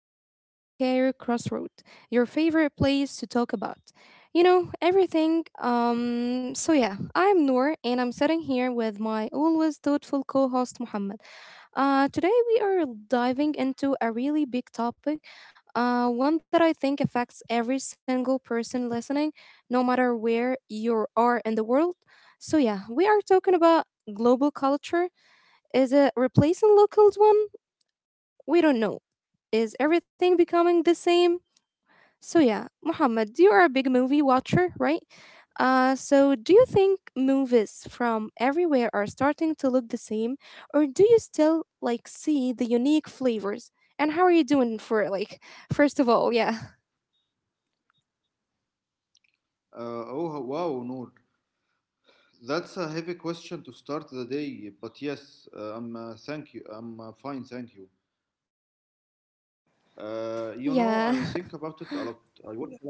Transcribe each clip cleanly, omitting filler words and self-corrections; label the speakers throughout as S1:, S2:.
S1: Welcome back to Career Crossroad, your favorite place to talk about, you know, everything. So yeah, I'm Noor, and I'm sitting here with my always thoughtful co-host Muhammad. Today we are diving into a really big topic, one that I think affects every single person listening, no matter where you are in the world. So yeah, we are talking about global culture. Is it replacing local one? We don't know. Is everything becoming the same? So, yeah, Muhammad, you are a big movie watcher, right? So, do you think movies from everywhere are starting to look the same, or do you still like see the unique flavors? And how are you doing for like, first of all, yeah,
S2: Oh, wow, Noor. That's a heavy question to start the day, but yes, I'm thank you. I'm fine, thank you. I
S1: yeah,
S2: think about it a lot. I watch a lot of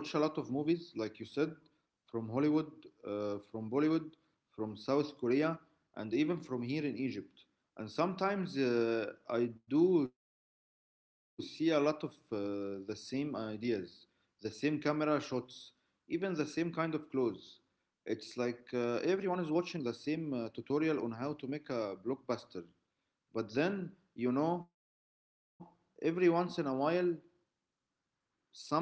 S2: I watch a lot of movies, like you said, from Hollywood, from Bollywood, from South Korea, and even from here in Egypt. And sometimes I do see a lot of the same ideas, the same camera shots, even the same kind of clothes. It's like everyone is watching the same tutorial on how to make a blockbuster. But then, every once in a while,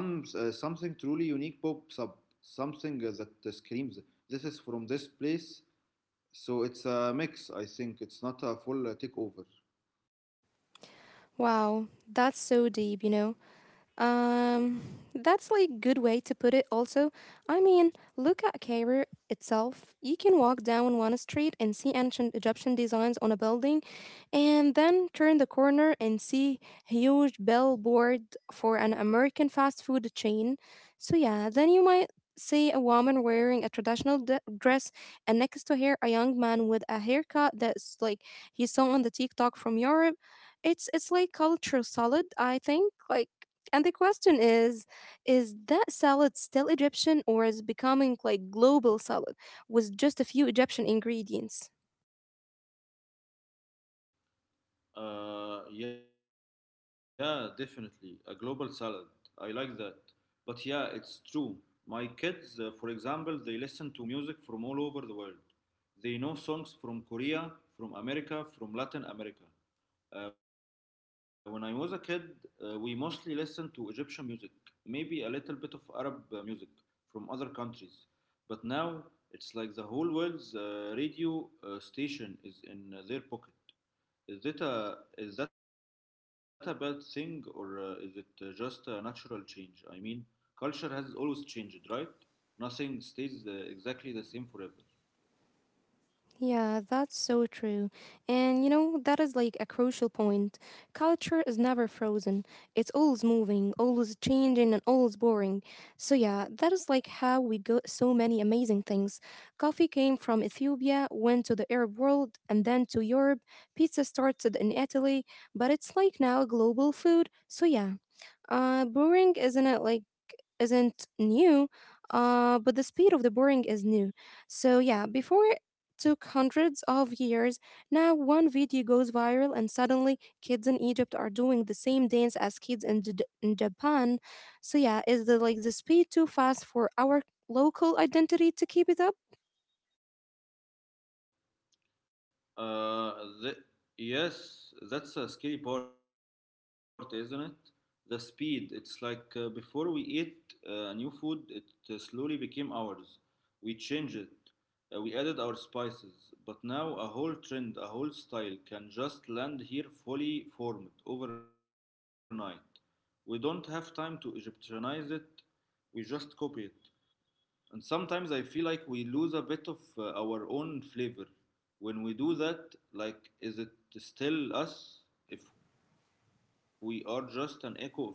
S2: something truly unique pops up, something that screams, "This is from this place." So it's a mix. I think it's not a full takeover.
S1: wow, that's so deep, you know. Um, that's like good way to put it. Also, I mean, look at Cairo itself. You can walk down one street and see ancient Egyptian designs on a building, and then turn the corner and see huge billboard for an American fast food chain. So yeah, then you might see a woman wearing a traditional dress and next to her a young man with a haircut that's like he saw on the TikTok from Europe. It's like culture salad, I think. Like and the question is that salad still Egyptian or is becoming like global salad with just a few Egyptian ingredients?
S2: Yeah, definitely. A global salad. I like that. But yeah, it's true. My kids, for example, they listen to music from all over the world. They know songs from Korea, from America, from Latin America. When I was a kid, we mostly listened to Egyptian music, maybe a little bit of Arab music from other countries. But now it's like the whole world's radio station is in their pocket. Is that a bad thing or is it just a natural change? I mean, culture has always changed, right? Nothing stays exactly the same forever.
S1: Yeah, that's so true. And you know, that is like a crucial point. Culture is never frozen, it's always moving, always changing, and always boring. So, yeah, that is like how we got so many amazing things. Coffee came from Ethiopia, went to the Arab world, and then to Europe. Pizza started in Italy, but it's like now a global food. So, yeah, boring isn't it like isn't new, but the speed of the boring is new. So yeah, before took hundreds of years. Now, one video goes viral, and suddenly kids in Egypt are doing the same dance as kids in, in Japan. So, yeah, is the like the speed too fast for our local identity to keep it up?
S2: Uh, the, yes, that's a scary part, isn't it? The speed. It's like before we ate new food, it slowly became ours. We changed it. We added our spices. But now a whole trend, a whole style can just land here fully formed overnight. We don't have time to Egyptianize it, we just copy it. And sometimes I feel like we lose a bit of our own flavor. When we do that, like, is it still us if we are just an echo of something from far away?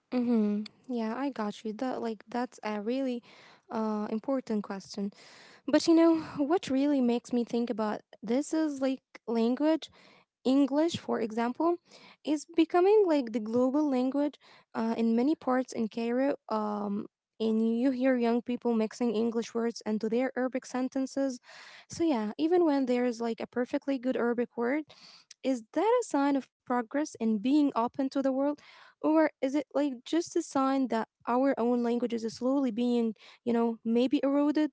S1: Mm-hmm. Yeah, I got you. That like that's a really important question. But you know what really makes me think about this is like language English, for example, is becoming like the global language in many parts in Cairo. And you hear young people mixing English words into their Arabic sentences. So, yeah, even when there is like a perfectly good Arabic word, is that a sign of progress in being open to the world? Or is it like just a sign that our own languages is slowly being, you know, maybe eroded?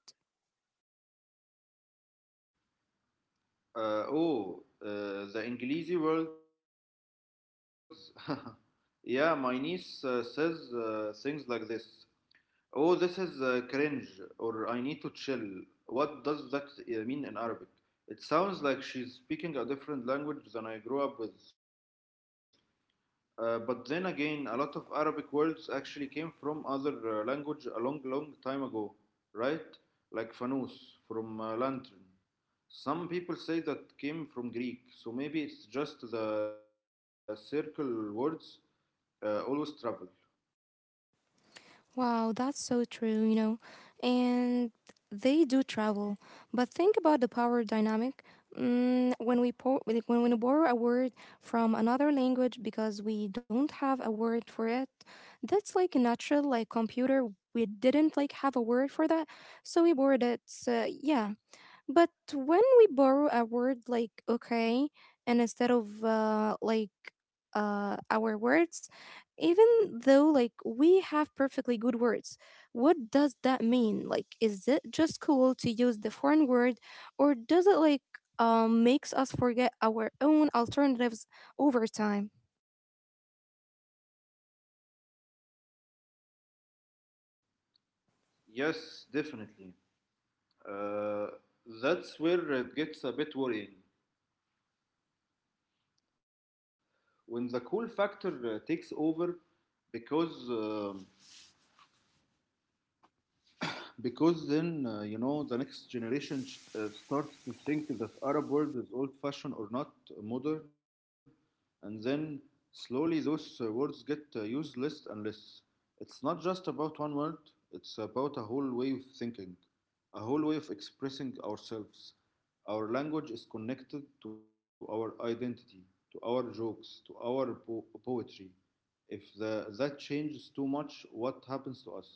S2: Oh, the English words. Yeah, my niece says things like this. Oh, this is cringe, or I need to chill. What does that mean in Arabic? It sounds like she's speaking a different language than I grew up with. But then again, a lot of Arabic words actually came from other language a long, long time ago, right? Like fanus from lantern. Some people say that came from Greek, so maybe it's just the circle words always travel.
S1: Wow, that's so true, you know. And they do travel. But think about the power dynamic. When we when we borrow a word from another language because we don't have a word for it, that's like natural like computer. We didn't like have a word for that, so we borrowed it. So, yeah, but when we borrow a word like okay, and instead of like our words, even though like we have perfectly good words, what does that mean? Like, is it just cool to use the foreign word, or does it like makes us forget our own alternatives over time?
S2: Yes, definitely. Uh, that's where it gets a bit worrying when the cool factor takes over because. um because then the next generation starts to think that Arab world is old fashioned or not modern, and then slowly those words get used less and less. It's not just about one word, it's about a whole way of thinking, a whole way of expressing ourselves. Our language is connected to our identity, to our jokes, to our poetry. If that changes too much, what happens to us?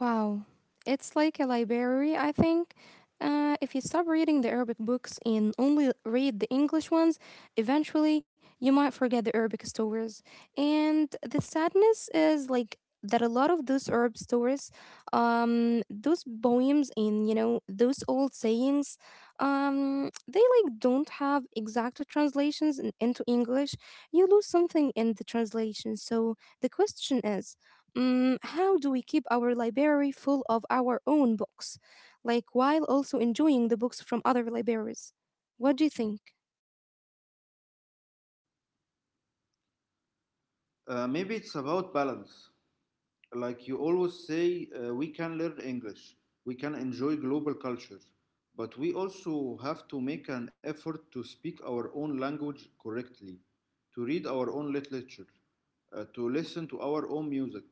S1: Wow, it's like a library, I think. If you stop reading the Arabic books and only read the English ones, eventually you might forget the Arabic stories. And the sadness is like that a lot of those Arab stories, those poems and you know those old sayings, they like don't have exact translations into English. You lose something in the translation. So the question is How do we keep our library full of our own books, like while also enjoying the books from other libraries? What do you think?
S2: Maybe it's about balance. Like you always say, we can learn English, we can enjoy global culture, but we also have to make an effort to speak our own language correctly, to read our own literature, to listen to our own music.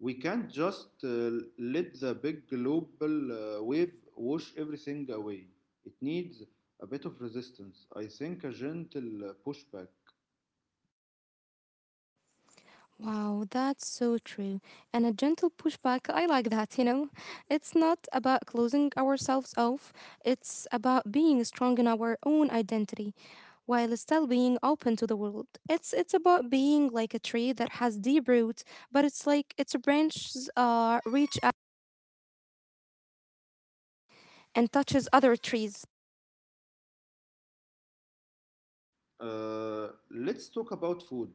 S2: We can't just let the big global wave wash everything away. It needs a bit of resistance. I think a gentle pushback.
S1: Wow, that's so true. And a gentle pushback, I like that, you know? It's not about closing ourselves off, it's about being strong in our own identity while still being open to the world. It's about being like a tree that has deep roots, but it's like its branches reach out and touches other trees.
S2: Let's talk about food.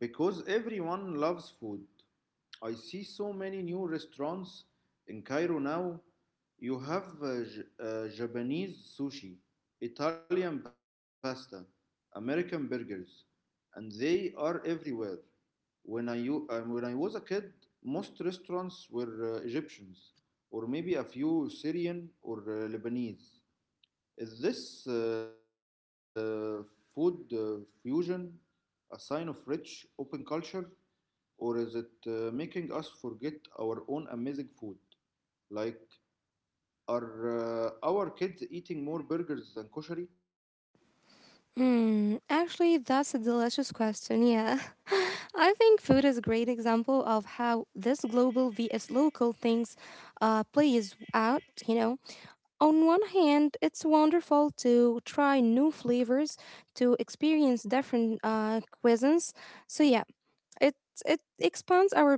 S2: Because everyone loves food. I see so many new restaurants in Cairo now. You have Japanese sushi, Italian pasta, American burgers, and they are everywhere. When I was a kid, most restaurants were Egyptians, or maybe a few Syrian or Lebanese. Is this food fusion a sign of rich, open culture? Or is it making us forget our own amazing food? Like, are our kids eating more burgers than koshari?
S1: Hmm. Actually, that's a delicious question. Yeah. I think food is a great example of how this global vs local things plays out, you know. On one hand, it's wonderful to try new flavors, to experience different cuisines. So, yeah, it, it expands our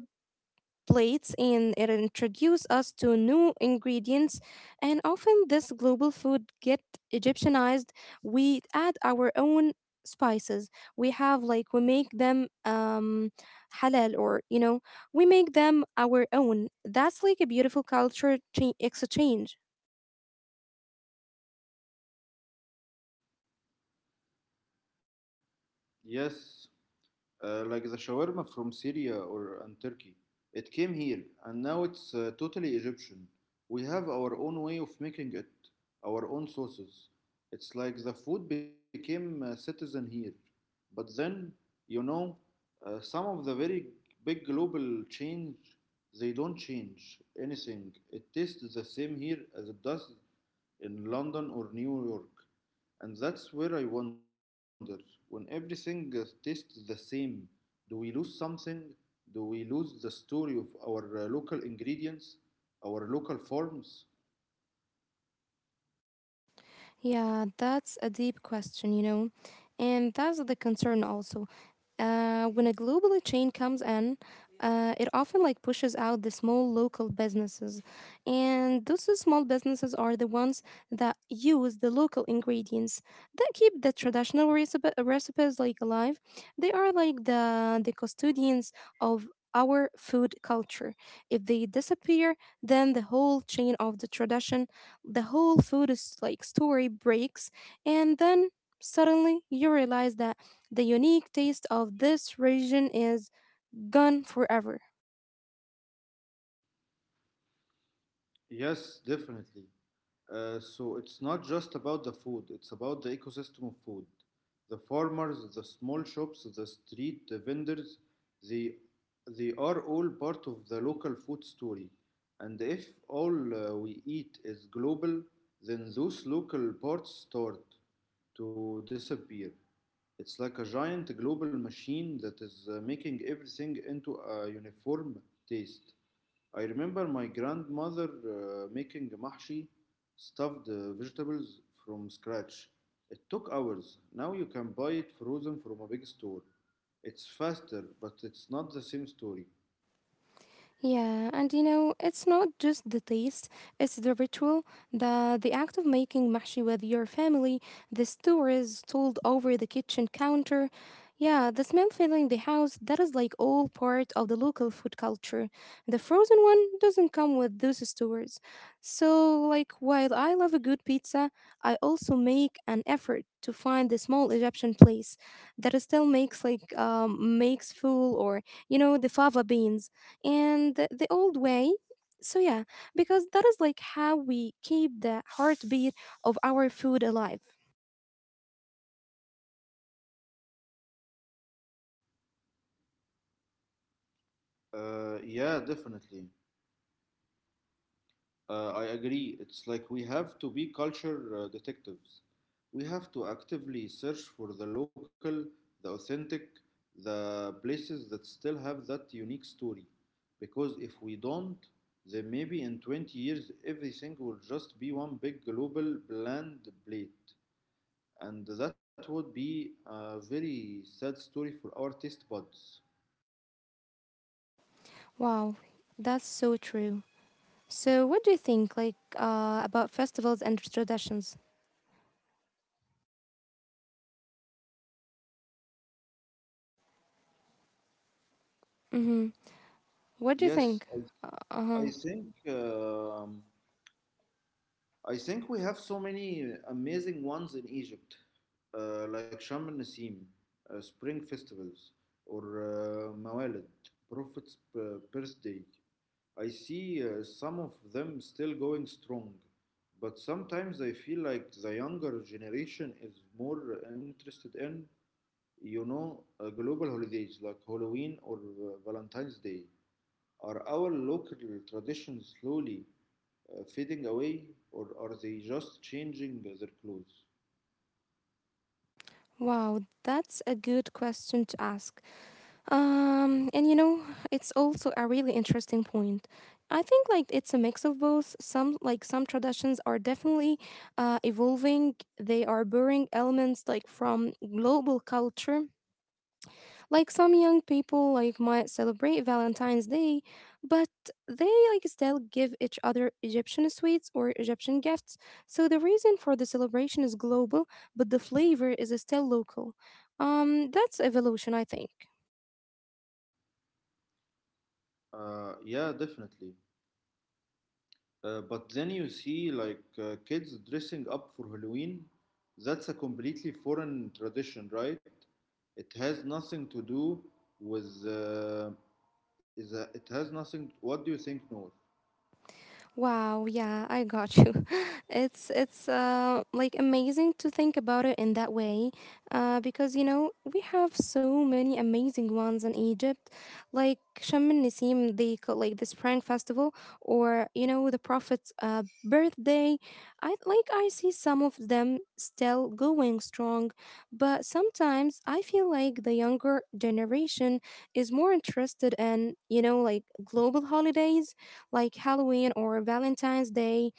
S1: plates and it introduced us to new ingredients and often this global food get egyptianized. We add our own spices. We have like we make them halal, or you know we make them our own. That's like a beautiful culture exchange.
S2: Yes. Like the shawarma from Syria or and Turkey. It came here and now it's totally Egyptian. We have our own way of making it, our own sauces. It's like the food became a citizen here. But then, you know, some of the very big global change, they don't change anything. It tastes the same here as it does in London or New York. And that's where I wonder, when everything tastes the same, do we lose something? Do we lose the story of our local ingredients, our local forms?
S1: Yeah, that's a deep question, you know, and that's the concern also. When a global chain comes in, it often like pushes out the small local businesses, and those small businesses are the ones that use the local ingredients that keep the traditional recipes like alive. They are like the custodians of our food culture. If they disappear, then the whole chain of the tradition the whole food is like story breaks, and then suddenly you realize that the unique taste of this region is gone forever.
S2: Yes, definitely. So it's not just about the food, it's about the ecosystem of food. The farmers, the small shops, the street vendors, they, they are all part of the local food story. And if all we eat is global, then those local parts start to disappear. It's like a giant global machine that is making everything into a uniform taste. I remember my grandmother making mahshi, stuffed vegetables from scratch. It took hours. Now you can buy it frozen from a big store. It's faster, but it's not the same story.
S1: Yeah, and you know, it's not just the taste, it's the ritual, the act of making mahshi with your family, the stories told over the kitchen counter. Yeah, the smell filling the house, that is like all part of the local food culture. The frozen one doesn't come with those stories. So, like, while I love a good pizza, I also make an effort to find the small Egyptian place that still makes like makes full or you know the fava beans and the old way. So yeah, because that is like how we keep the heartbeat of our food alive.
S2: Yeah, definitely. I agree. It's like we have to be culture detectives. We have to actively search for the local, the authentic, the places that still have that unique story. Because if we don't, then maybe in 20 years everything will just be one big global bland plate. And that would be a very sad story for our taste buds.
S1: Wow, that's so true. So what do you think like about festivals and traditions? Mm-hmm. What do you
S2: Yes,
S1: think?
S2: I, I
S1: Uh-huh.
S2: think. um I think we have so many amazing ones in Egypt, like Sham al Nasim, Spring Festivals, or Mawalid, Prophet's Birthday. I see some of them still going strong, but sometimes I feel like the younger generation is more interested in, you know, global holidays like Halloween or Valentine's Day. Are our local traditions slowly fading away, or are they just changing their clothes?
S1: Wow, that's a good question to ask. And you know, it's also a really interesting point. I think like it's a mix of both. Some like some traditions are definitely evolving. They are borrowing elements like from global culture. Like some young people like might celebrate Valentine's Day, but they like still give each other Egyptian sweets or Egyptian gifts. So the reason for the celebration is global, but the flavor is still local. That's evolution, I think.
S2: Yeah, definitely. But then you see like kids dressing up for Halloween. That's a completely foreign tradition, right? It has nothing to do with it has nothing. What do you think, Noor?
S1: Wow, yeah, I got you. It's like amazing to think about it in that way, because you know we have so many amazing ones in Egypt, like Sham el Nisim, the like the spring festival, or you know the Prophet's birthday. I like I see some of them still going strong, but sometimes I feel like the younger generation is more interested in you know like global holidays like Halloween or Valentine's Day,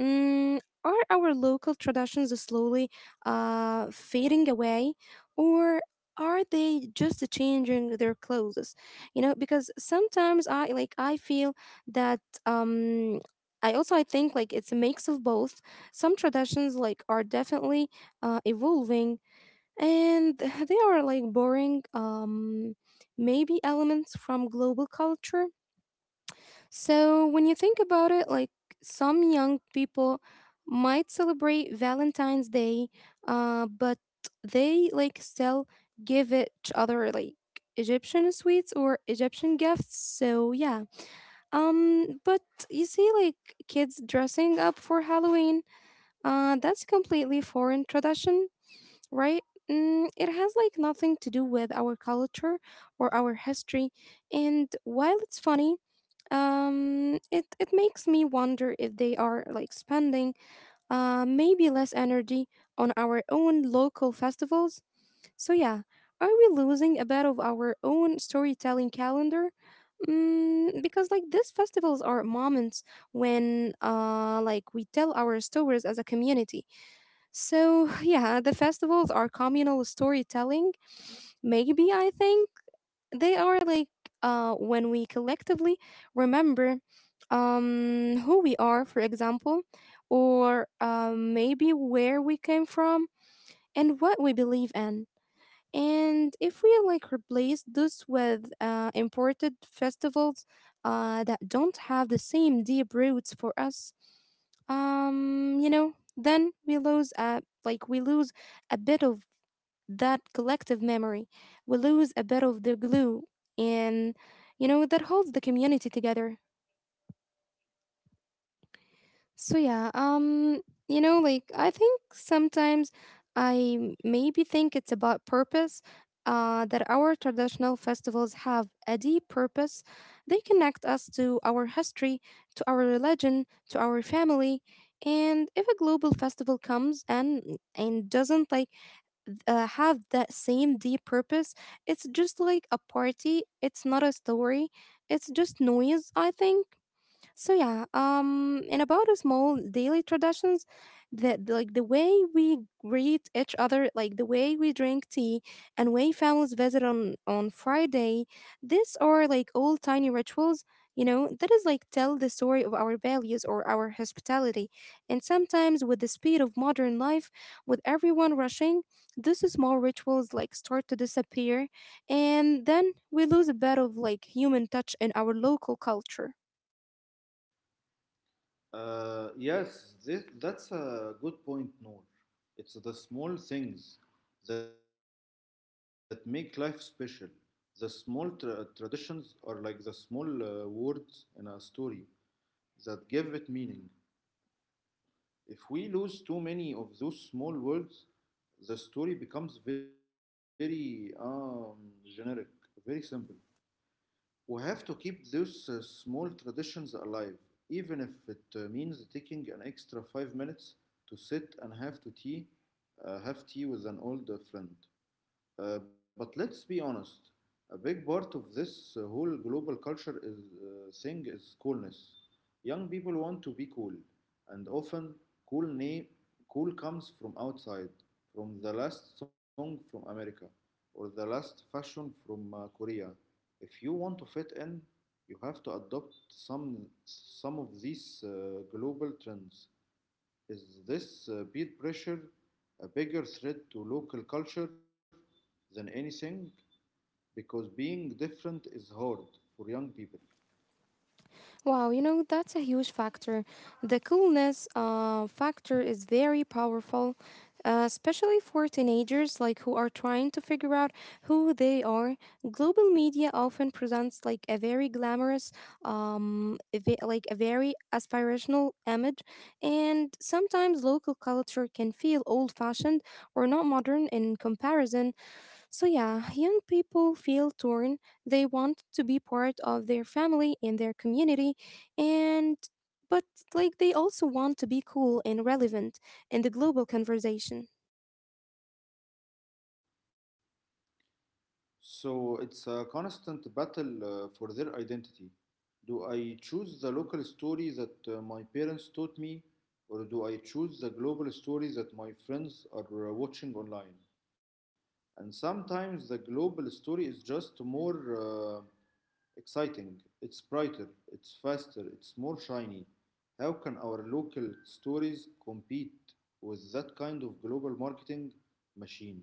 S1: are our local traditions slowly fading away, or are they just changing their clothes? You know, because sometimes I like I feel that um, I also I think like it's a mix of both. Some traditions like are definitely evolving, and they are like borrowing maybe elements from global culture. So, when you think about it, like some young people might celebrate Valentine's Day, but they like still give each other like Egyptian sweets or Egyptian gifts. So, yeah. But you see, like kids dressing up for Halloween, that's completely foreign tradition, right? It has like nothing to do with our culture or our history. And while it's funny, it it makes me wonder if they are like spending maybe less energy on our own local festivals. So yeah, are we losing a bit of our own storytelling calendar? Because like these festivals are moments when like we tell our stories as a community. So yeah the festivals are communal storytelling maybe I think they are like when we collectively remember who we are, for example, or maybe where we came from and what we believe in. And if we like replace this with imported festivals that don't have the same deep roots for us, you know, then we lose like we lose a bit of that collective memory. We lose a bit of the glue and you know that holds the community together. So yeah, you know like I think sometimes I maybe think it's about purpose. That our traditional festivals have a deep purpose. They connect us to our history, to our religion, to our family. And if a global festival comes and doesn't like have that same deep purpose. It's just like a party, it's not a story, it's just noise, I think. And about the small daily traditions, that like the way we greet each other, like the way we drink tea, and way families visit on Friday, these are like all tiny rituals. You know that is like tell the story of our values or our hospitality, and sometimes with the speed of modern life, with everyone rushing, these small rituals like start to disappear, and then we lose a bit of like human touch in our local culture.
S2: Yes, that's a good point, Noor. It's the small things that make life special. The small traditions are like the small words in a story that give it meaning. If we lose too many of those small words, the story becomes very generic, very simple. We have to keep those small traditions alive, even if it means taking an extra 5 minutes to sit and have to tea, have tea with an old friend. But let's be honest, a big part of this whole global culture thing is coolness. Young people want to be cool, and often cool name cool comes from outside, from the last song from America or the last fashion from Korea. If you want to fit in, you have to adopt some of these global trends. Is this peer pressure a bigger threat to local culture than anything? Because being different is hard for young people.
S1: Wow, you know, that's a huge factor. The coolness factor is very powerful, especially for teenagers like who are trying to figure out who they are. Global media often presents like a very glamorous, a ve- like a very aspirational image, and sometimes local culture can feel old-fashioned or not modern in comparison. So, yeah, young people feel torn. They want to be part of their family and their community, and but like they also want to be cool and relevant in the global conversation.
S2: So it's a constant battle for their identity. Do I choose the local story that my parents taught me, or do I choose the global story that my friends are watching online? And sometimes the global story is just more exciting. It's brighter, it's faster, it's more shiny. How can our local stories compete with that kind of global marketing machine?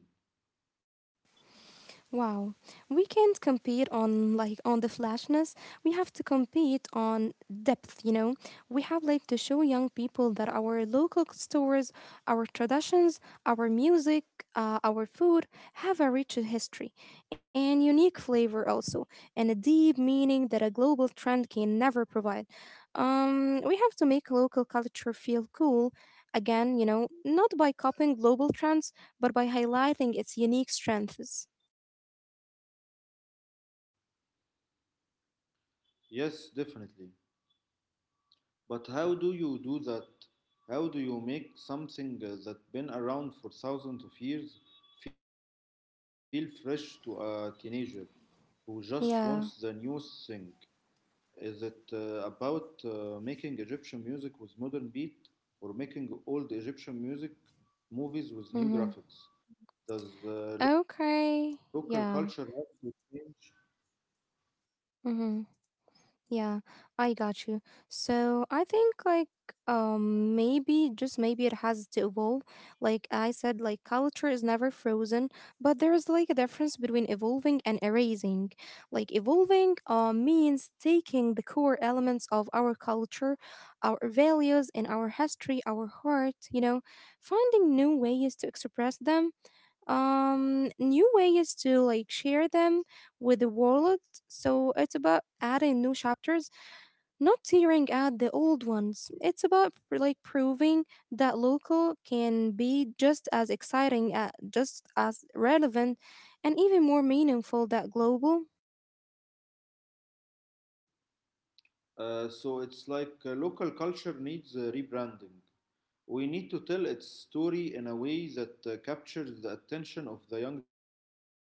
S1: Wow. We can't compete on the flashness. We have to compete on depth, you know. We have like to show young people that our local stores, our traditions, our music, our food have a rich history and unique flavor also, and a deep meaning that a global trend can never provide. We have to make local culture feel cool again, you know, not by copying global trends, but by highlighting its unique strengths.
S2: Yes, definitely. But how do you do that? How do you make something that's been around for thousands of years feel fresh to a teenager who just wants the newest
S1: Yeah.
S2: thing? Is it about making Egyptian music with modern beat, or making old Egyptian music movies with new graphics?
S1: Mhm.
S2: Does local culture have
S1: Okay.
S2: to
S1: Yeah.
S2: change?
S1: Mhm. Yeah. I got you. So I think maybe it has to evolve. Like I said like culture is never frozen, but there is like a difference between evolving and erasing. Like evolving means taking the core elements of our culture, our values and our history, our heart, you know, finding new ways to express them, new way is to like share them with the world. So it's about adding new chapters, not tearing out the old ones. It's about proving that local can be just as exciting, just as relevant and even more meaningful than global.
S2: So it's like local culture needs rebranding. We need to tell its story in a way that captures the attention of the young generation.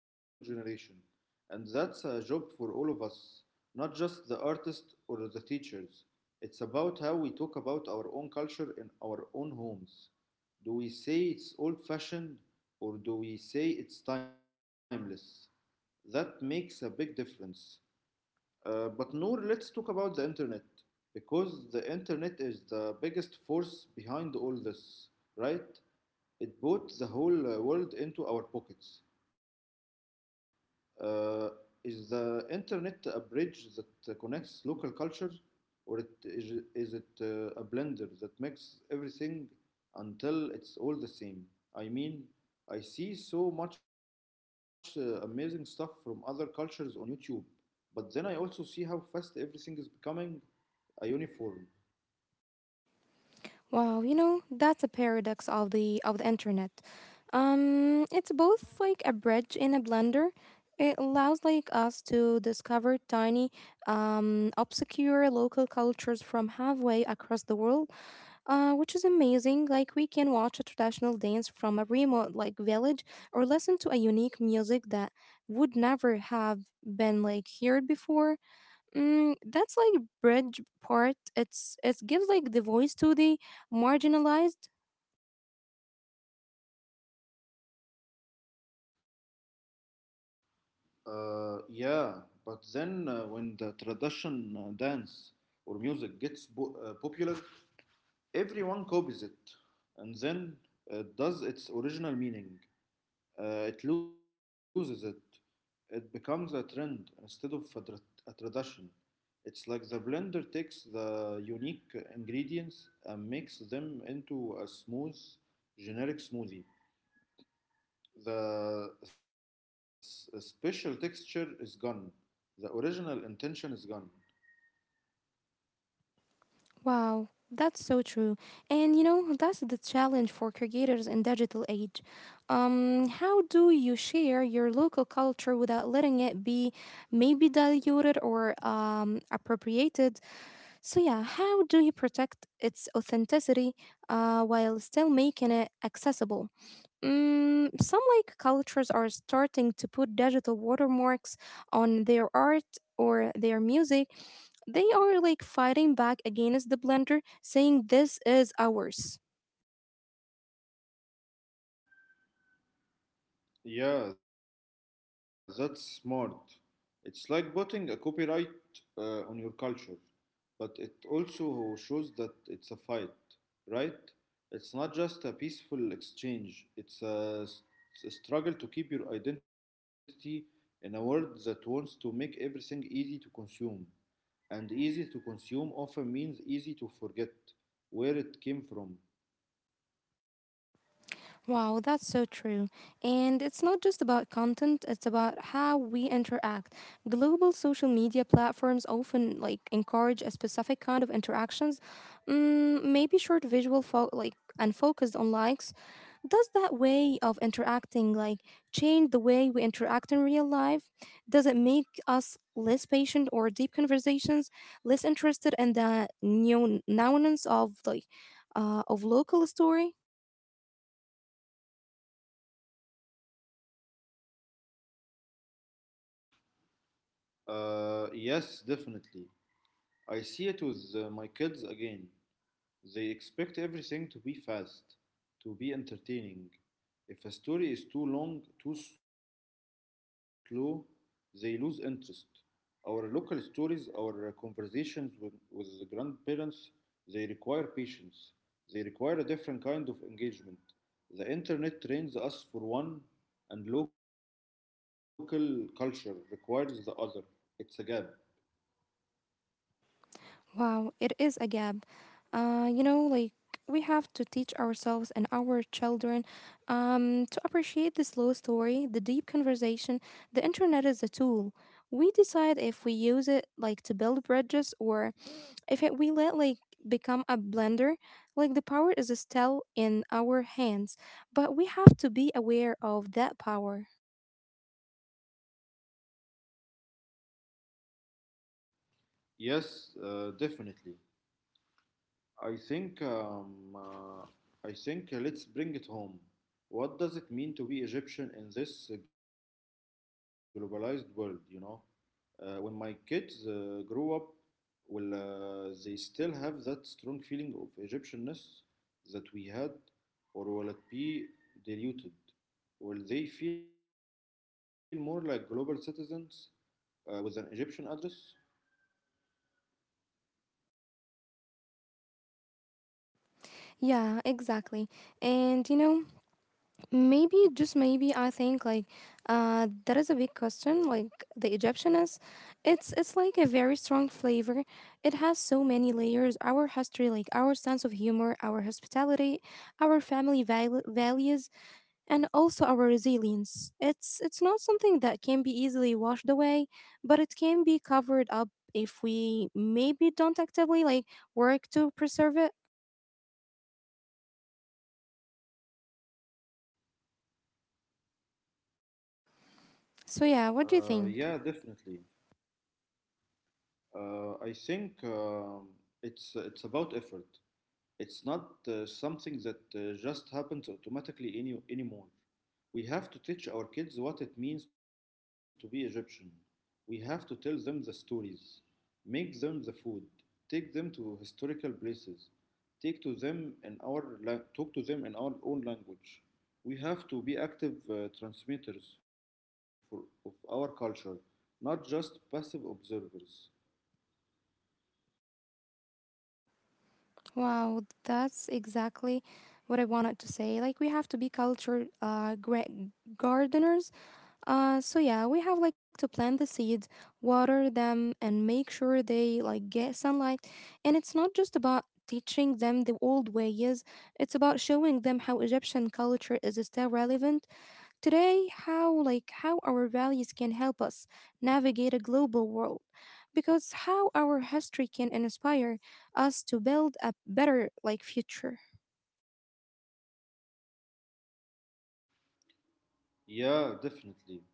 S2: And that's a job for all of us, not just the artists or the teachers. It's about how we talk about our own culture in our own homes. Do we say it's old fashioned, or do we say it's timeless? That makes a big difference. But Noor, let's talk about the internet, because the internet is the biggest force behind all this, right? It put the whole world into our pockets. Uh, is the internet a bridge that connects local cultures, or is it a blender that makes everything until it's all the same? I mean, I see so much amazing stuff from other cultures on YouTube, but then I also see how fast everything is becoming a uniform.
S1: Wow, you know, that's a paradox of the internet. It's both like a bridge and a blender. It allows like us to discover tiny, obscure local cultures from halfway across the world, which is amazing. Like we can watch a traditional dance from a remote like village or listen to a unique music that would never have been like heard before. Mm, that's like bridge part. It's it gives like the voice to the marginalized.
S2: Yeah, but then when the tradition dance or music gets popular, everyone copies it and then it does its original meaning. It loses it. It becomes a trend instead of a tradition. It's like the blender takes the unique ingredients and makes them into a smooth, generic smoothie. The special texture is gone. The original intention is gone.
S1: Wow, that's so true. And you know that's the challenge for creators in digital age. How do you share your local culture without letting it be maybe diluted or appropriated? So yeah, how do you protect its authenticity while still making it accessible? Mm, some like cultures are starting to put digital watermarks on their art or their music. They are like fighting back against the blender, saying this is ours.
S2: Yeah, that's smart. It's like putting a copyright on your culture, but it also shows that it's a fight, right? It's not just a peaceful exchange, it's a struggle to keep your identity in a world that wants to make everything easy to consume. And easy to consume often means easy to forget where it came from.
S1: Wow, that's so true. And it's not just about content, it's about how we interact. Global social media platforms often like encourage a specific kind of interactions. Mm, maybe short visual and focused on likes. Does that way of interacting like change the way we interact in real life? Does it make us less patient or deep conversations, less interested in the new nuance of of local story?
S2: Yes, definitely. I see it with my kids again. They expect everything to be fast, to be entertaining. If a story is too long, too slow, they lose interest. Our local stories, our conversations with grandparents, they require patience. They require a different kind of engagement. The internet trains us for one, and local culture requires the other. It's a gap.
S1: Wow, it is a gap. You know, like we have to teach ourselves and our children to appreciate the slow story, the deep conversation. The internet is a tool. We decide if we use it like to build bridges or if it, we let like become a blender. Like the power is still in our hands, but we have to be aware of that power.
S2: Yes, definitely. I think um, uh, I think let's bring it home. What does it mean to be Egyptian in this globalized world? You know, when my kids grow up, will they still have that strong feeling of Egyptianness that we had, or will it be diluted? Will they feel more like global citizens with an Egyptian address?
S1: Yeah, exactly. And you know. I think that is a big question. Like the Egyptian is, it's like a very strong flavor. It has so many layers. Our history, like our sense of humor, our hospitality, our family values, and also our resilience. It's not something that can be easily washed away, but it can be covered up if we maybe don't actively like work to preserve it.
S2: Yeah,
S1: So yeah,
S2: definitely.
S1: what do you think?
S2: I think it's about effort. It's not something that just happens automatically anymore. We have to teach our kids what it means to be Egyptian. We have to tell them the stories, make them the food, take them to historical places, take to them in our la- talk to them in our own language. We have to be active transmitters of our culture, not just passive observers.
S1: Wow, that's exactly what I wanted to say. Like we have to be cultured gardeners. So yeah, we have like to plant the seeds, water them and make sure they like get sunlight. And it's not just about teaching them the old ways, it's about showing them how Egyptian culture is still relevant today, how like how our values can help us navigate a global world, because how our history can inspire us to build a better like future.
S2: Yeah, definitely.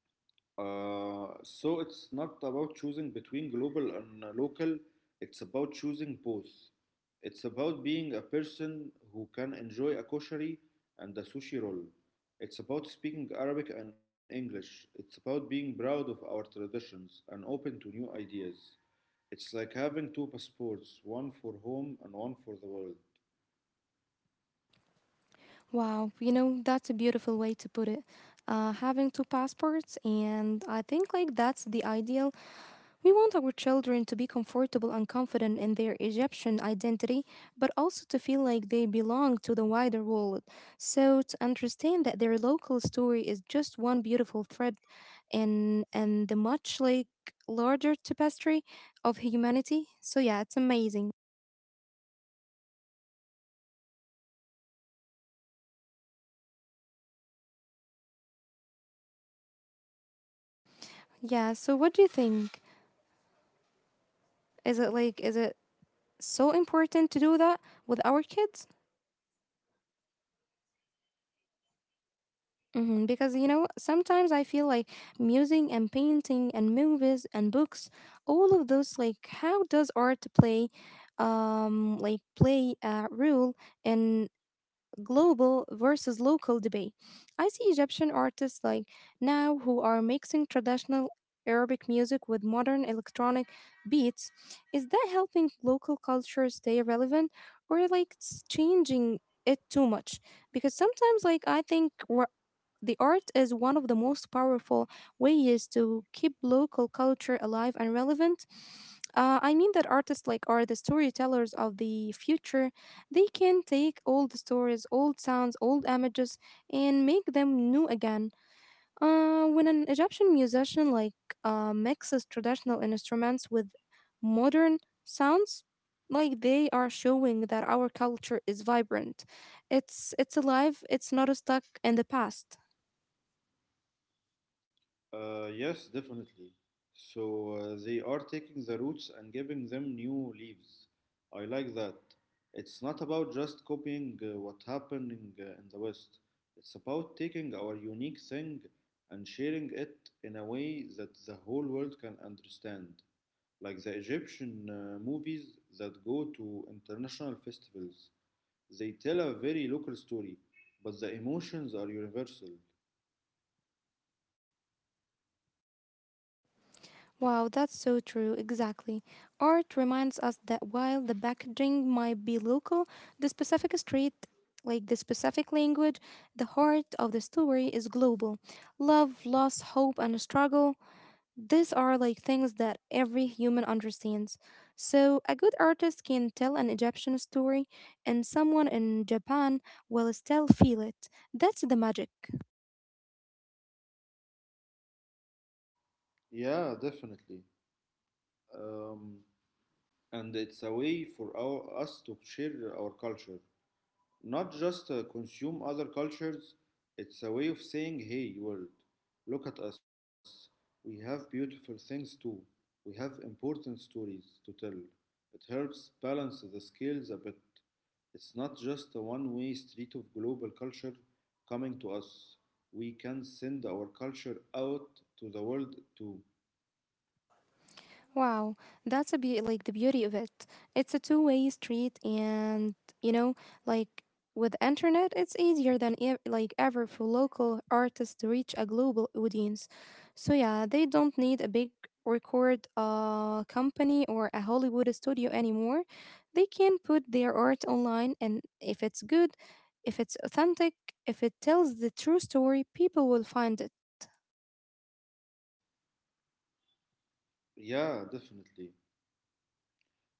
S2: So it's not about choosing between global and local, it's about choosing both. It's about being a person who can enjoy a koshari and a sushi roll. It's about speaking Arabic and English. It's about being proud of our traditions and open to new ideas. It's like having two passports, one for home and one for the world.
S1: Wow, you know, that's a beautiful way to put it, having two passports, and I think like that's the ideal. We want our children to be comfortable and confident in their Egyptian identity, but also to feel like they belong to the wider world. So, to understand that their local story is just one beautiful thread in the much like larger tapestry of humanity. So, yeah, it's amazing. Yeah, so what do you think? Is it so important to do that with our kids? Hmm. Because you know, sometimes I feel like music and painting and movies and books, all of those, like, how does art play a role in global versus local debate? I see Egyptian artists like now who are mixing traditional Arabic music with modern electronic beats. Is that helping local culture stay relevant, or like it's changing it too much? Because sometimes, like, I think. The art is one of the most powerful ways to keep local culture alive and relevant. I mean that artists like are the storytellers of the future. They can take old stories, old sounds, old images, and make them new again. When an Egyptian musician mixes traditional instruments with modern sounds, like they are showing that our culture is vibrant. It's alive. It's not stuck in the past.
S2: Yes, definitely. So they are taking the roots and giving them new leaves. I like that. It's not about just copying what happening in the West. It's about taking our unique thing and sharing it in a way that the whole world can understand. Like the Egyptian movies that go to international festivals. They tell a very local story, but the emotions are universal.
S1: Wow, that's so true, exactly. Art reminds us that while the packaging might be local, the specific street, like the specific language, the heart of the story is global. Love, loss, hope, and struggle, these are like things that every human understands. So, a good artist can tell an Egyptian story, and someone in Japan will still feel it. That's the magic.
S2: Yeah, definitely. um, and it's a way for us to share our culture, not just consume other cultures. It's a way of saying, hey, world, look at us. We have beautiful things too. We have important stories to tell. It helps balance the scales a bit. It's not just a one way street of global culture coming to us. We can send our culture out to the world too.
S1: Wow, that's a the beauty of it. It's a two-way street, and you know, like with internet, it's easier than ever for local artists to reach a global audience. So yeah, they don't need a big record company or a Hollywood studio anymore. They can put their art online, and if it's good, if it's authentic, if it tells the true story, people will find it.
S2: Yeah, definitely.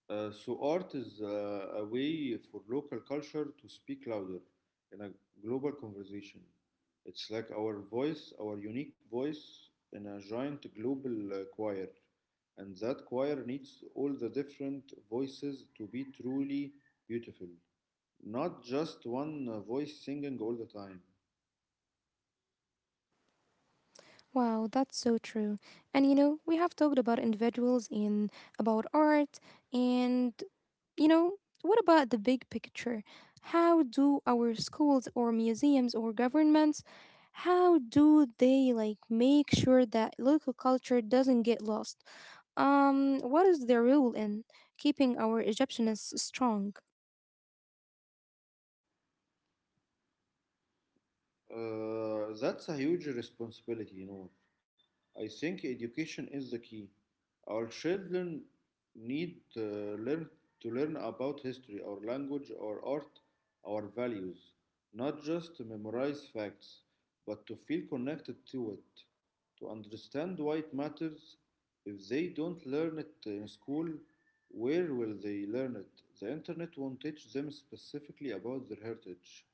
S2: So art is a way for local culture to speak louder in a global conversation. It's like our voice, our unique voice in a giant global choir. And that choir needs all the different voices to be truly beautiful, not just one voice singing all the time.
S1: Wow, that's so true. And you know, we have talked about individuals and about art, and you know, what about the big picture? How do our schools or museums or governments how do they like make sure that local culture doesn't get lost? What is their role in keeping our Egyptianness strong?
S2: That's a huge responsibility, you know. I think education is the key. Our children need learn to learn about history, our language, our art, our values, not just to memorize facts, but to feel connected to it, to understand why it matters. If they don't learn it in school, where will they learn it? The internet won't teach them specifically about their heritage.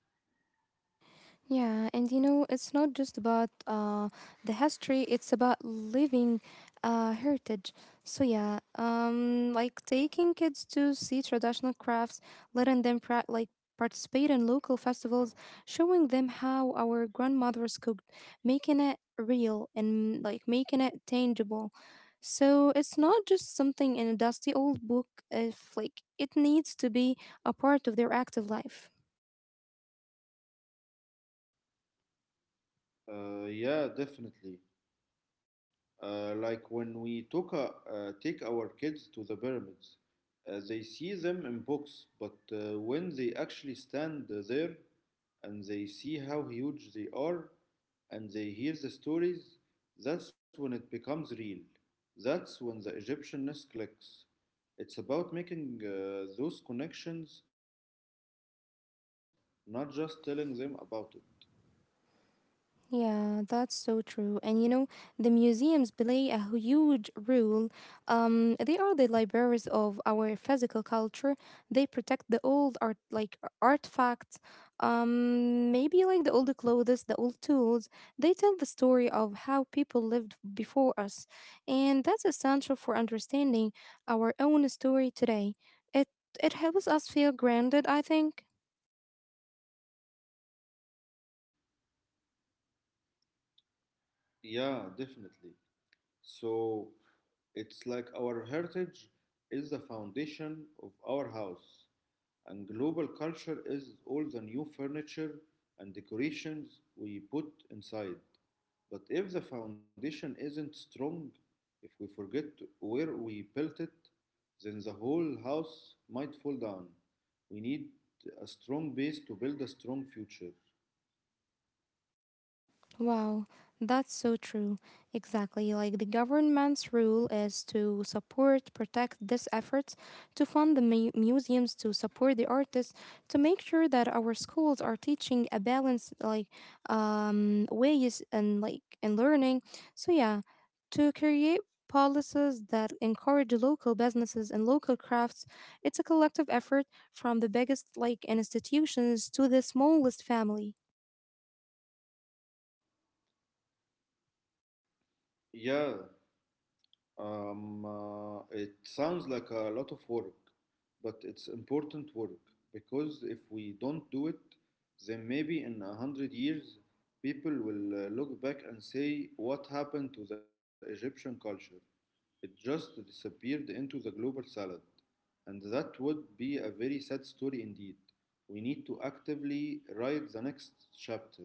S1: Yeah, and you know, it's not just about the history, it's about living heritage. So, yeah, like taking kids to see traditional crafts, letting them participate in local festivals, showing them how our grandmothers cooked, making it real and like making it tangible. So, it's not just something in a dusty old book, if like it needs to be a part of their active life.
S2: Yeah, definitely. Like when we take our kids to the pyramids, they see them in books, but when they actually stand there and they see how huge they are and they hear the stories, that's when it becomes real. That's when the Egyptianness clicks. It's about making those connections with the past, not just telling them about it.
S1: Yeah, that's so true. And you know, the museums play a huge role. They are the libraries of our physical culture. They protect the old art, like artifacts, maybe like the old clothes, the old tools. They tell the story of how people lived before us, and that's essential for understanding our own story today. It it helps us feel grounded, I think.
S2: Yeah, definitely. So it's like our heritage is the foundation of our house, and global culture is all the new furniture and decorations we put inside. But if the foundation isn't strong, if we forget where we built it, then the whole house might fall down. We need a strong base to build a strong future.
S1: Wow, that's so true. Exactly. Like the government's rule is to support, protect these efforts, to fund the museums, to support the artists, to make sure that our schools are teaching a balanced like ways and like in learning. So yeah, to create policies that encourage local businesses and local crafts. It's a collective effort from the biggest like institutions to the smallest family.
S2: Yeah. It sounds like a lot of work, but it's important work because if we don't do it, then maybe in a hundred years people will look back and say, "What happened to the Egyptian culture? It just disappeared into the global salad." And that would be a very sad story indeed. We need to actively write the next chapter.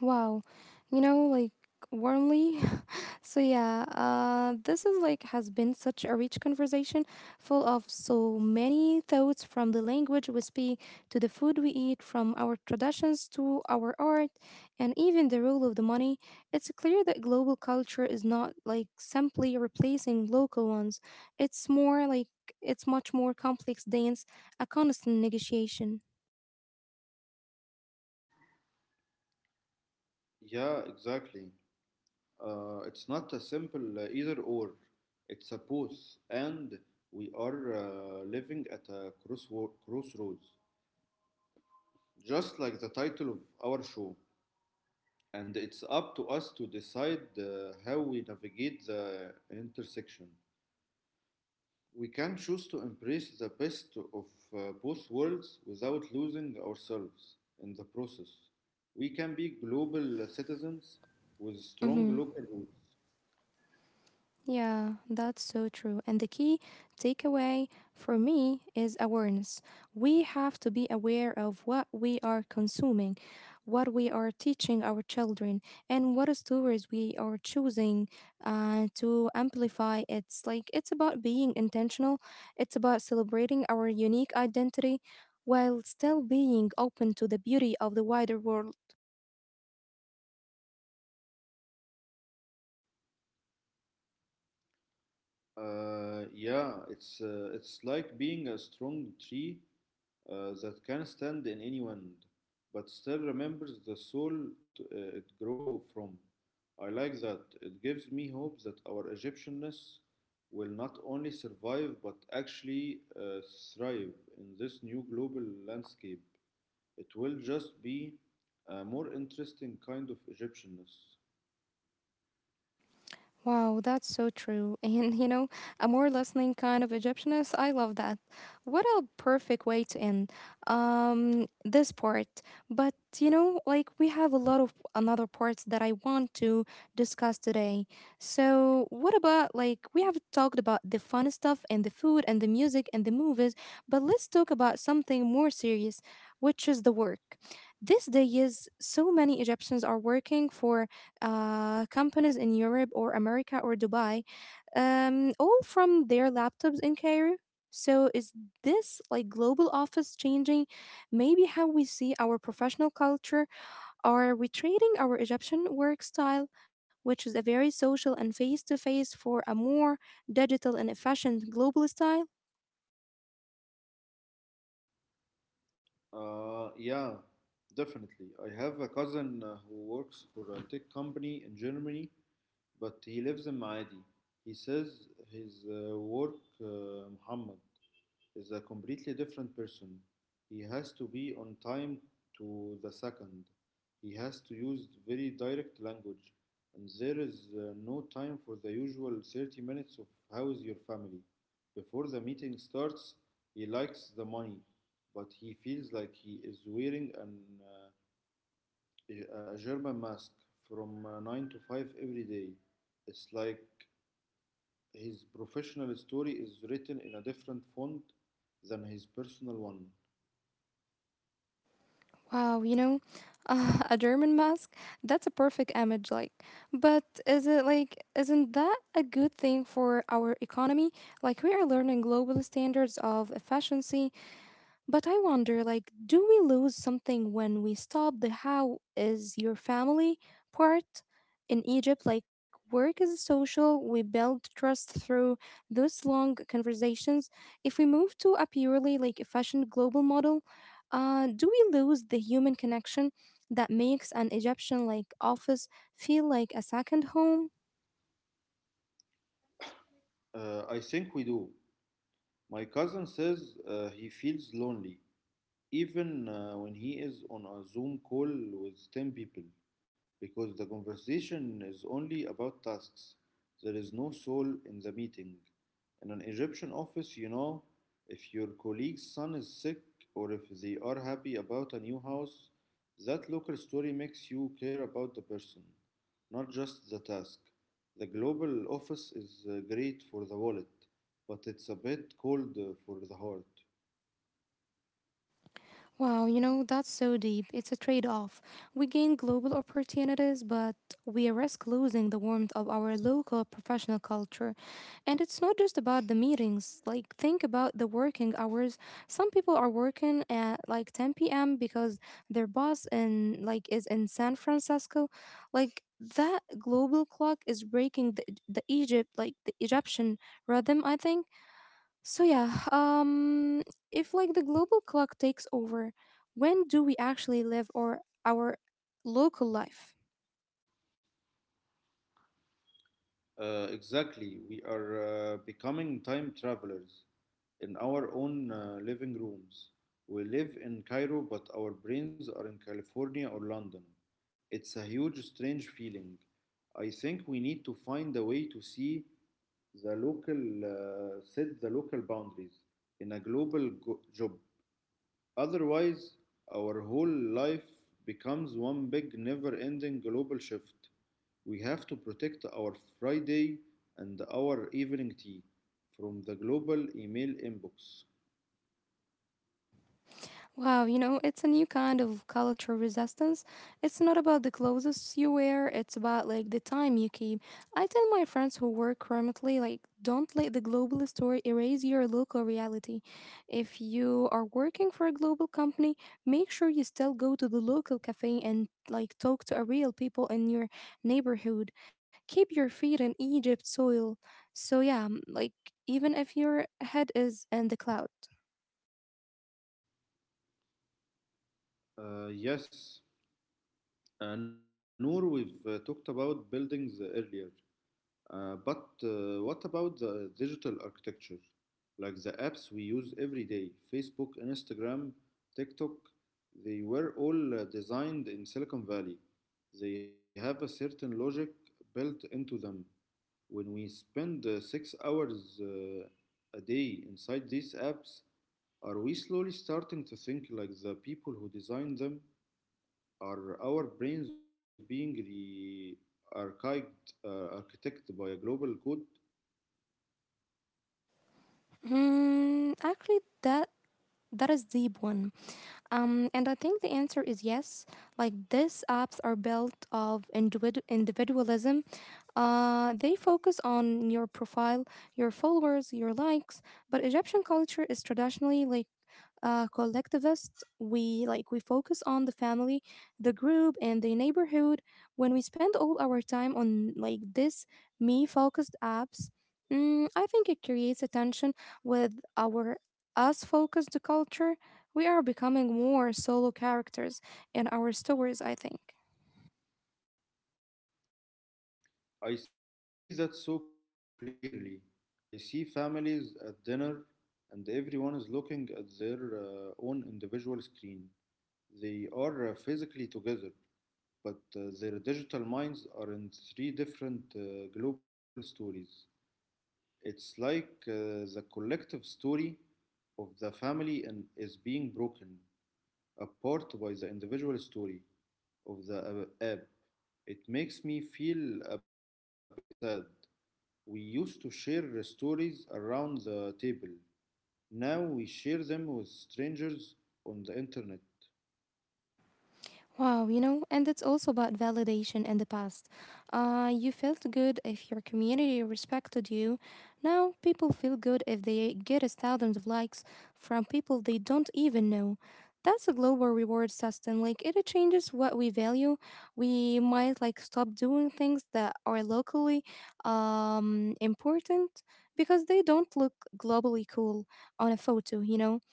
S1: Wow. You know, like warmly. So this is like has been such a rich conversation full of so many thoughts, from the language we speak to the food we eat, from our traditions to our art and even the role of the money. It's clear that global culture is not like simply replacing local ones. It's more like it's much more complex dance, a constant negotiation.
S2: Yeah, exactly. It's not a simple either or, it's a both, and we are living at a crossroads, just like the title of our show. And it's up to us to decide how we navigate the intersection. We can choose to embrace the best of both worlds without losing ourselves in the process. We can be global citizens with strong
S1: Mhm.
S2: local roots.
S1: Yeah, that's so true. And the key takeaway for me is awareness. We have to be aware of what we are consuming, what we are teaching our children, and what stories we are choosing to amplify. It's about being intentional, it's about celebrating our unique identity while still being open to the beauty of the wider world.
S2: Yeah, it's it's like being a strong tree that can stand in any wind, but still remembers the soil it grow from. I like that. It gives me hope that our Egyptianness will not only survive but actually thrive in this new global landscape. It will just be a more interesting kind of Egyptianness.
S1: Wow, that's so true. And you know, a more listening kind of Egyptianist, I love that. What a perfect way to end this part. But you know, like we have a lot of another parts that I want to discuss today. So, what about like we have talked about the fun stuff and the food and the music and the movies, but let's talk about something more serious, which is the work. These days, so many Egyptians are working for companies in Europe or America or Dubai, all from their laptops in Cairo. So is this like global office changing maybe how we see our professional culture are retraining our Egyptian work style, which is a very social and face to face, for a more digital and efficient global style?
S2: Yeah, definitely. I have a cousin who works for a tech company in Germany, but he lives in Maadi. He says his work, Muhammad is a completely different person. He has to be on time to the second. He has to use very direct language, and there is no time for the usual 30 minutes of how's your family. Before the meeting starts, he likes the money, but he feels like he is wearing a German mask from 9 to 5 every day. It's like his professional story is written in a different font than his personal one.
S1: Wow, you know, a German mask, that's a perfect image like. But is it like isn't that a good thing for our economy? Like we are learning global standards of efficiency but I wonder, like, do we lose something when we stop the how is your family part? In Egypt, like, work is social, we build trust through those long conversations. If we move to a purely, like, efficient global model, do we lose the human connection that makes an Egyptian, like, office feel like a second home?
S2: I think we do. My cousin says he feels lonely even when he is on a Zoom call with 10 people, because the conversation is only about tasks. There is no soul in the meeting. In an Egyptian office, you know, if your colleague's son is sick or if they are happy about a new house, that local story makes you care about the person, not just the task. The global office is great for the wallet, but it's a bit cold for the heart.
S1: Wow, you know, that's so deep. It's a trade off. We gain global opportunities, but we risk losing the warmth of our local professional culture. And it's not just about the meetings. Like, think about the working hours. Some people are working at like 10 p.m. because their boss in like is in San Francisco. Like, that global clock is breaking the Egypt, like the Egyptian rhythm, I think. So yeah, if like the global clock takes over, when do we actually live or our local life?
S2: Exactly. We are becoming time travelers in our own living rooms. We live in Cairo, but our brains are in California or London. It's a huge, strange feeling. I think we need to find a way to the local, set the local boundaries in a global job. Otherwise, our whole life becomes one big, never ending global shift. We have to protect our Friday and our evening tea from the global email inbox.
S1: Wow, you know, it's a new kind of cultural resistance. It's not about the clothes you wear, it's about like the time you keep. I tell my friends who work remotely, like, don't let the global story erase your local reality. If you are working for a global company, make sure you still go to the local cafe and like talk to a real people in your neighborhood. Keep your feet in Egypt soil. So yeah, like even if your head is in the cloud.
S2: Uh, yes, Noor, we've talked about buildings earlier. But what about the digital architecture? Like the apps we use every day, Facebook, Instagram, TikTok, they were all designed in Silicon Valley. They have a certain logic built into them. When we spend 6 hours a day inside these apps, are we slowly starting to think like the people who designed them? Are our brains being architected by a global code?
S1: Actually, That is deep one. And I think the answer is yes. Like these apps are built of individualism. They focus on your profile, your followers, your likes. But Egyptian culture is traditionally like collectivists. We focus on the family, the group, and the neighborhood. When we spend all our time on like this me-focused apps, I think it creates a tension with our us-focused culture. We are becoming more solo characters in our stories. I think.
S2: I see that so clearly. I see families at dinner and everyone is looking at their own individual screen. They are physically together, but their digital minds are in three different global stories. It's like the collective story of the family and is being broken apart by the individual story of the app. It makes me feel a bit sad. We used to share stories around the table. Now we share them with strangers on the internet.
S1: Wow, you know, and it's also about validation in the past. You felt good if your community respected you. Now, people feel good if they get us thousands of likes from people they don't even know. That's a global reward system. Like, it changes what we value. We might, like, stop doing things that are locally important because they don't look globally cool on a photo, you know?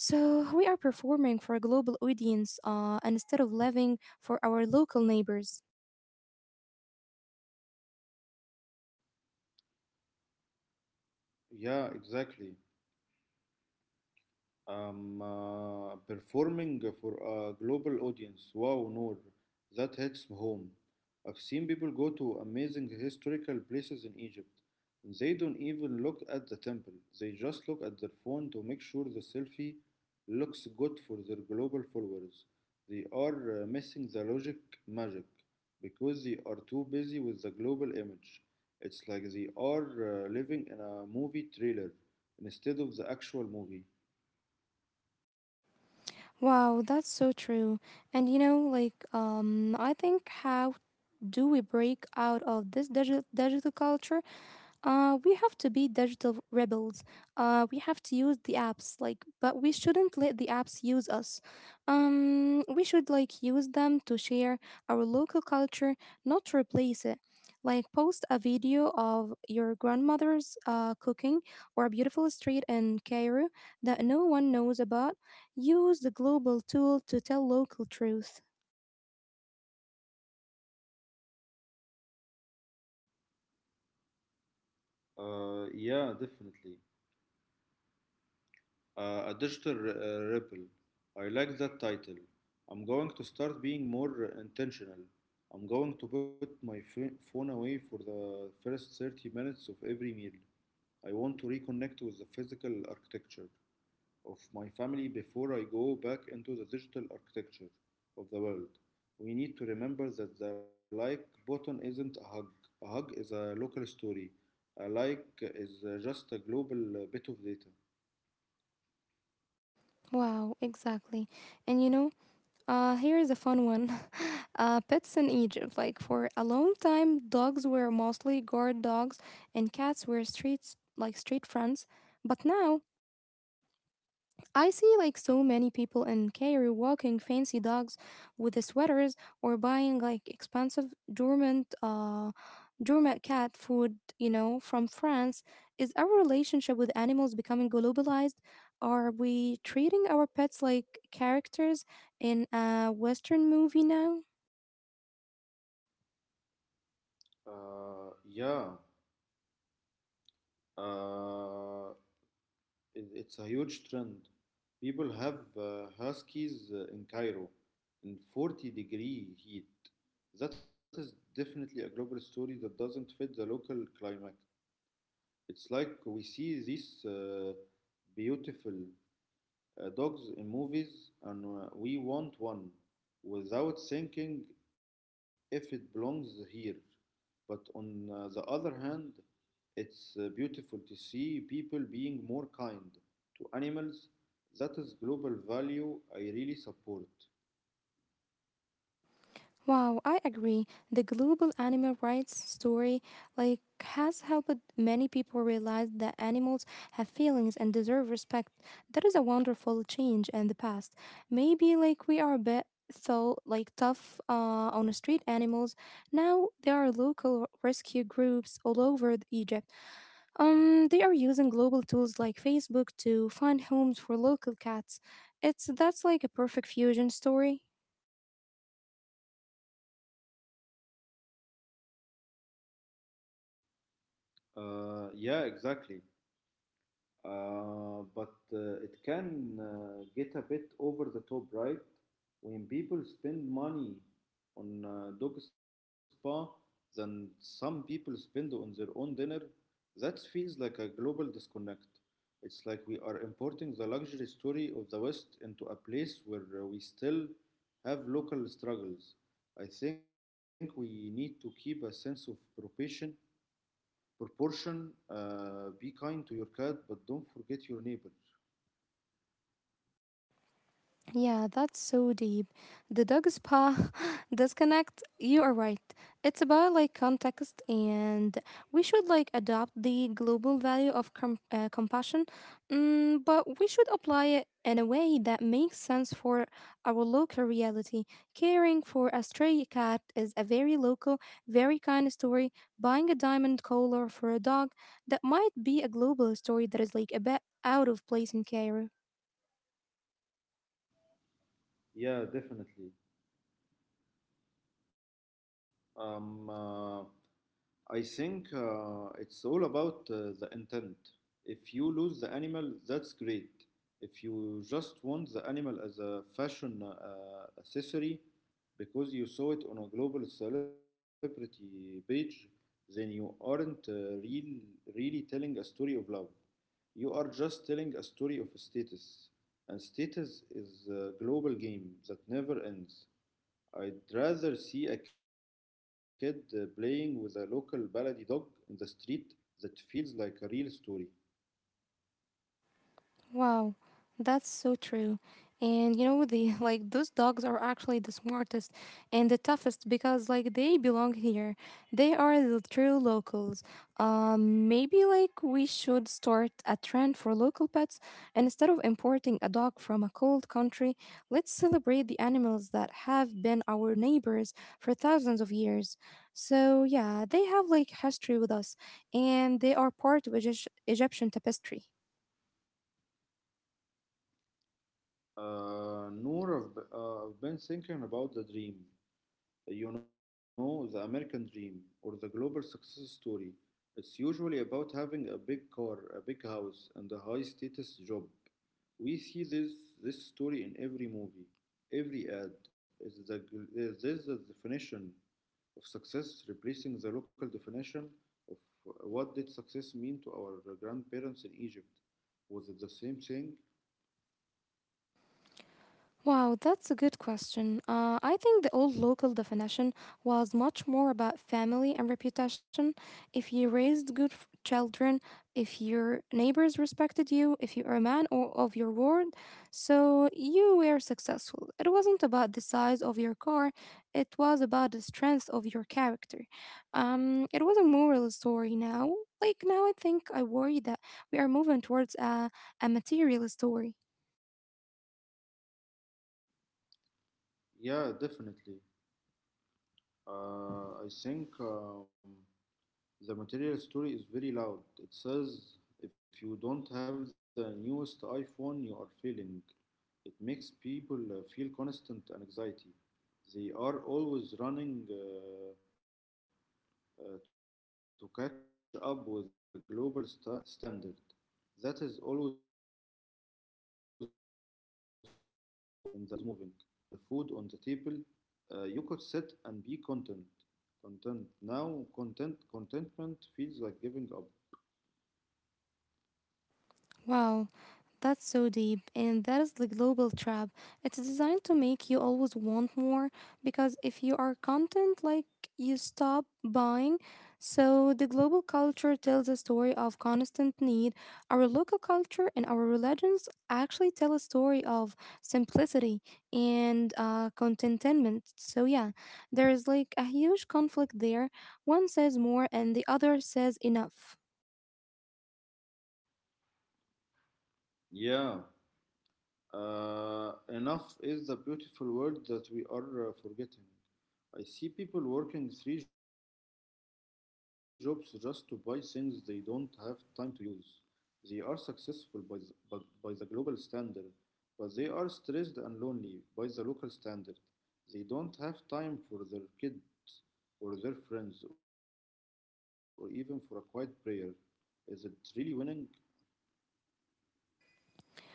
S1: So we are performing for a global audience and instead of living for our local neighbors.
S2: Yeah, exactly. Performing for a global audience. Wow, Noor, that hits home. I've seen people go to amazing historical places in Egypt. They don't even look at the temple, they just look at their phone to make sure the selfie looks good for their global followers. They are missing the logic magic because they are too busy with the global image. It's like they are living in a movie trailer instead of the actual movie.
S1: Wow, that's so true. And you know, like, I think how do we break out of this digital culture? We have to be digital rebels. We have to use the apps, like, but we shouldn't let the apps use us. We should like use them to share our local culture, not to replace it. Like, post a video of your grandmother's cooking or a beautiful street in Cairo that no one knows about. Use the global tool to tell local truth.
S2: Yeah, definitely. A digital ripple. I like that title. I'm going to start being more intentional. I'm going to put my phone away for the first 30 minutes of every meal. I want to reconnect with the physical architecture of my family before I go back into the digital architecture of the world. We need to remember that the like button isn't a hug. A hug is a local story. A like is just a global bit of data.
S1: Wow, exactly. And you know, here is a fun one. Pets in Egypt. Like for a long time, dogs were mostly guard dogs, and cats were streets like street friends. But now I see like so many people in Cairo walking fancy dogs with the sweaters or buying like expensive dormant dormant cat food, you know, from France. Is our relationship with animals becoming globalized? Are we treating our pets like characters in a Western movie now?
S2: Uh, yeah, uh, it, it's a huge trend. People have huskies in Cairo in 40-degree heat. That is definitely a global story that doesn't fit the local climate. It's like we see these beautiful dogs in movies and we want one without thinking if it belongs here. But on the other hand, it's beautiful to see people being more kind to animals. That is global value I really support.
S1: Wow, I agree. The global animal rights story like has helped many people realize that animals have feelings and deserve respect. That is a wonderful change in the past. Maybe like we are a bit so like tough on street animals. Now there are local rescue groups all over the Egypt. They are using global tools like Facebook to find homes for local cats. It's that's like a perfect fusion story.
S2: Yeah, exactly. But it can get a bit over the top, right? When people spend money on dog spa than some people spend on their own dinner, that feels like a global disconnect. It's like we are importing the luxury story of the West into a place where we still have local struggles. I think we need to keep a sense of proportion. Be kind to your cat, but don't forget your neighbor.
S1: Yeah, that's so deep. The dog spa disconnect, you are right. It's about like context, and we should like adopt the global value of compassion, but we should apply it in a way that makes sense for our local reality. Caring for a stray cat is a very local, very kind story. Buying a diamond collar for a dog, that might be a global story that is like a bit out of place in Cairo.
S2: Yeah, definitely. Um, uh, I think it's all about the intent. If you lose the animal, that's great. If you just want the animal as a fashion accessory because you saw it on a global celebrity page, then you aren't really telling a story of love. You are just telling a story of status. And status is a global game that never ends. I'd rather see a kid playing with a local baladi dog in the street that feels like a real story.
S1: Wow, that's so true. And you know, the like those dogs are actually the smartest and the toughest because like they belong here. They are the true locals. Maybe like we should start a trend for local pets and instead of importing a dog from a cold country, let's celebrate the animals that have been our neighbors for thousands of years. So yeah, they have like history with us and they are part of Egyptian tapestry.
S2: Noor, I've been thinking about the dream. You know, the American dream or the global success story. It's usually about having a big car, a big house, and a high status job. We see this story in every movie, every ad. Is this the definition of success, replacing the local definition of what did success mean to our grandparents in Egypt. Was it the same thing?
S1: Wow, that's a good question. I think the old local definition was much more about family and reputation. If you raised children, if your neighbors respected you, if you are a man or of your word, so you were successful. It wasn't about the size of your car, it was about the strength of your character. It was a moral story now. Like now, I think I worry that we are moving towards a material story.
S2: Yeah, definitely. I think the material story is very loud. It says if you don't have the newest iPhone, you are failing. It makes people feel constant anxiety. They are always running to catch up with a global standard that is always moving. In the old days, if you had a roof over your head and food on the table, you could sit and be content. Contentment feels like giving up.
S1: Wow, that's so deep, and that is the global trap. It's designed to make you always want more because if you are content, like you stop buying. So, the global culture tells a story of constant need. Our local culture and our religions actually tell a story of simplicity and contentment. So, yeah, there is like a huge conflict there. One says more, and the other says enough.
S2: Yeah, enough is the beautiful word that we are forgetting. I see people working three jobs just to buy things they don't have time to use. They are successful by the global standard, but they are stressed and lonely by the local standard. They don't have time for their kids or their friends or even for a quiet prayer. Is it really winning?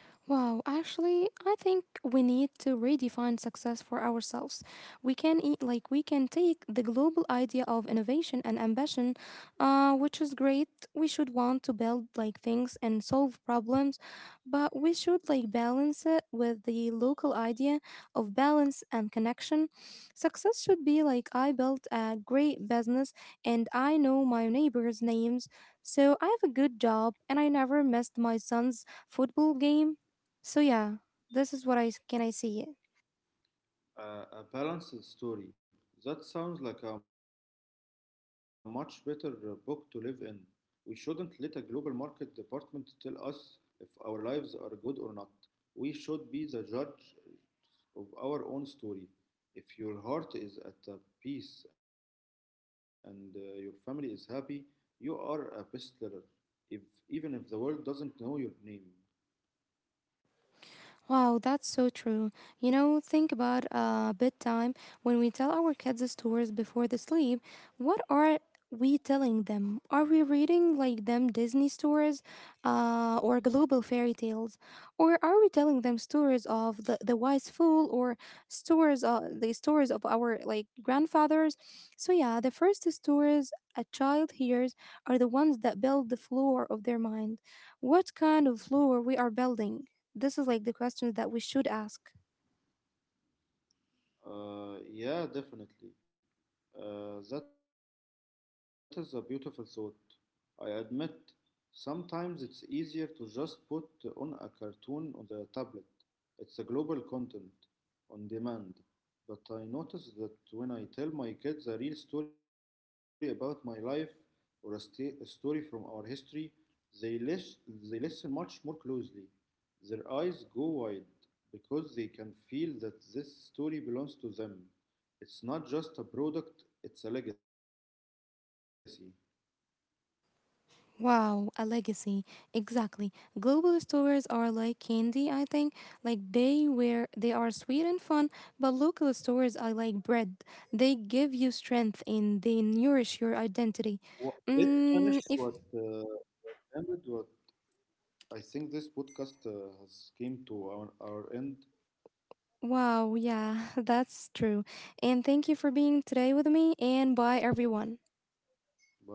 S1: Wow, actually, I think we need to redefine success for ourselves. We can take the global idea of innovation and ambition, which is great. We should want to build like things and solve problems, but we should like balance it with the local idea of balance and connection. Success should be like I built a great business and I know my neighbors' names, so I have a good job and I never missed my son's football game so yeah, this is what can I say.
S2: A balanced story. That sounds like a much better book to live in. We shouldn't let a global market department tell us if our lives are good or not. We should be the judge of our own story. If your heart is at peace and your family is happy, you are a bestseller, if, even if the world doesn't know your name.
S1: Wow, that's so true. You know, think about bedtime. When we tell our kids stories before they sleep, what are we telling them? Are we reading like them Disney stories or global fairy tales? Or are we telling them stories of the wise fool or stories the stories of our like grandfathers? So yeah, the first stories a child hears are the ones that build the floor of their mind. What kind of floor we are building? This is like the questions that we should ask.
S2: Yeah, definitely. That is a beautiful thought. I admit, sometimes it's easier to just put on a cartoon on the tablet. It's a global content, on demand. But I notice that when I tell my kids a real story about my life or a story from our history, they, lis- they listen much more closely. Their eyes go wide because they can feel that this story belongs to them. It's not just a product, it's a legacy.
S1: Wow, a legacy. Exactly. Global stores are like candy, I think. Like they are sweet and fun, but local stores are like bread. They give you strength and they
S2: Wha-
S1: nourish your
S2: Let's finish
S1: identity.
S2: what
S1: Mm, if
S2: ended. What I think this podcast has came to our end.
S1: wow, yeah, that's true. And thank you for being today with me and bye everyone.
S2: Bye bye.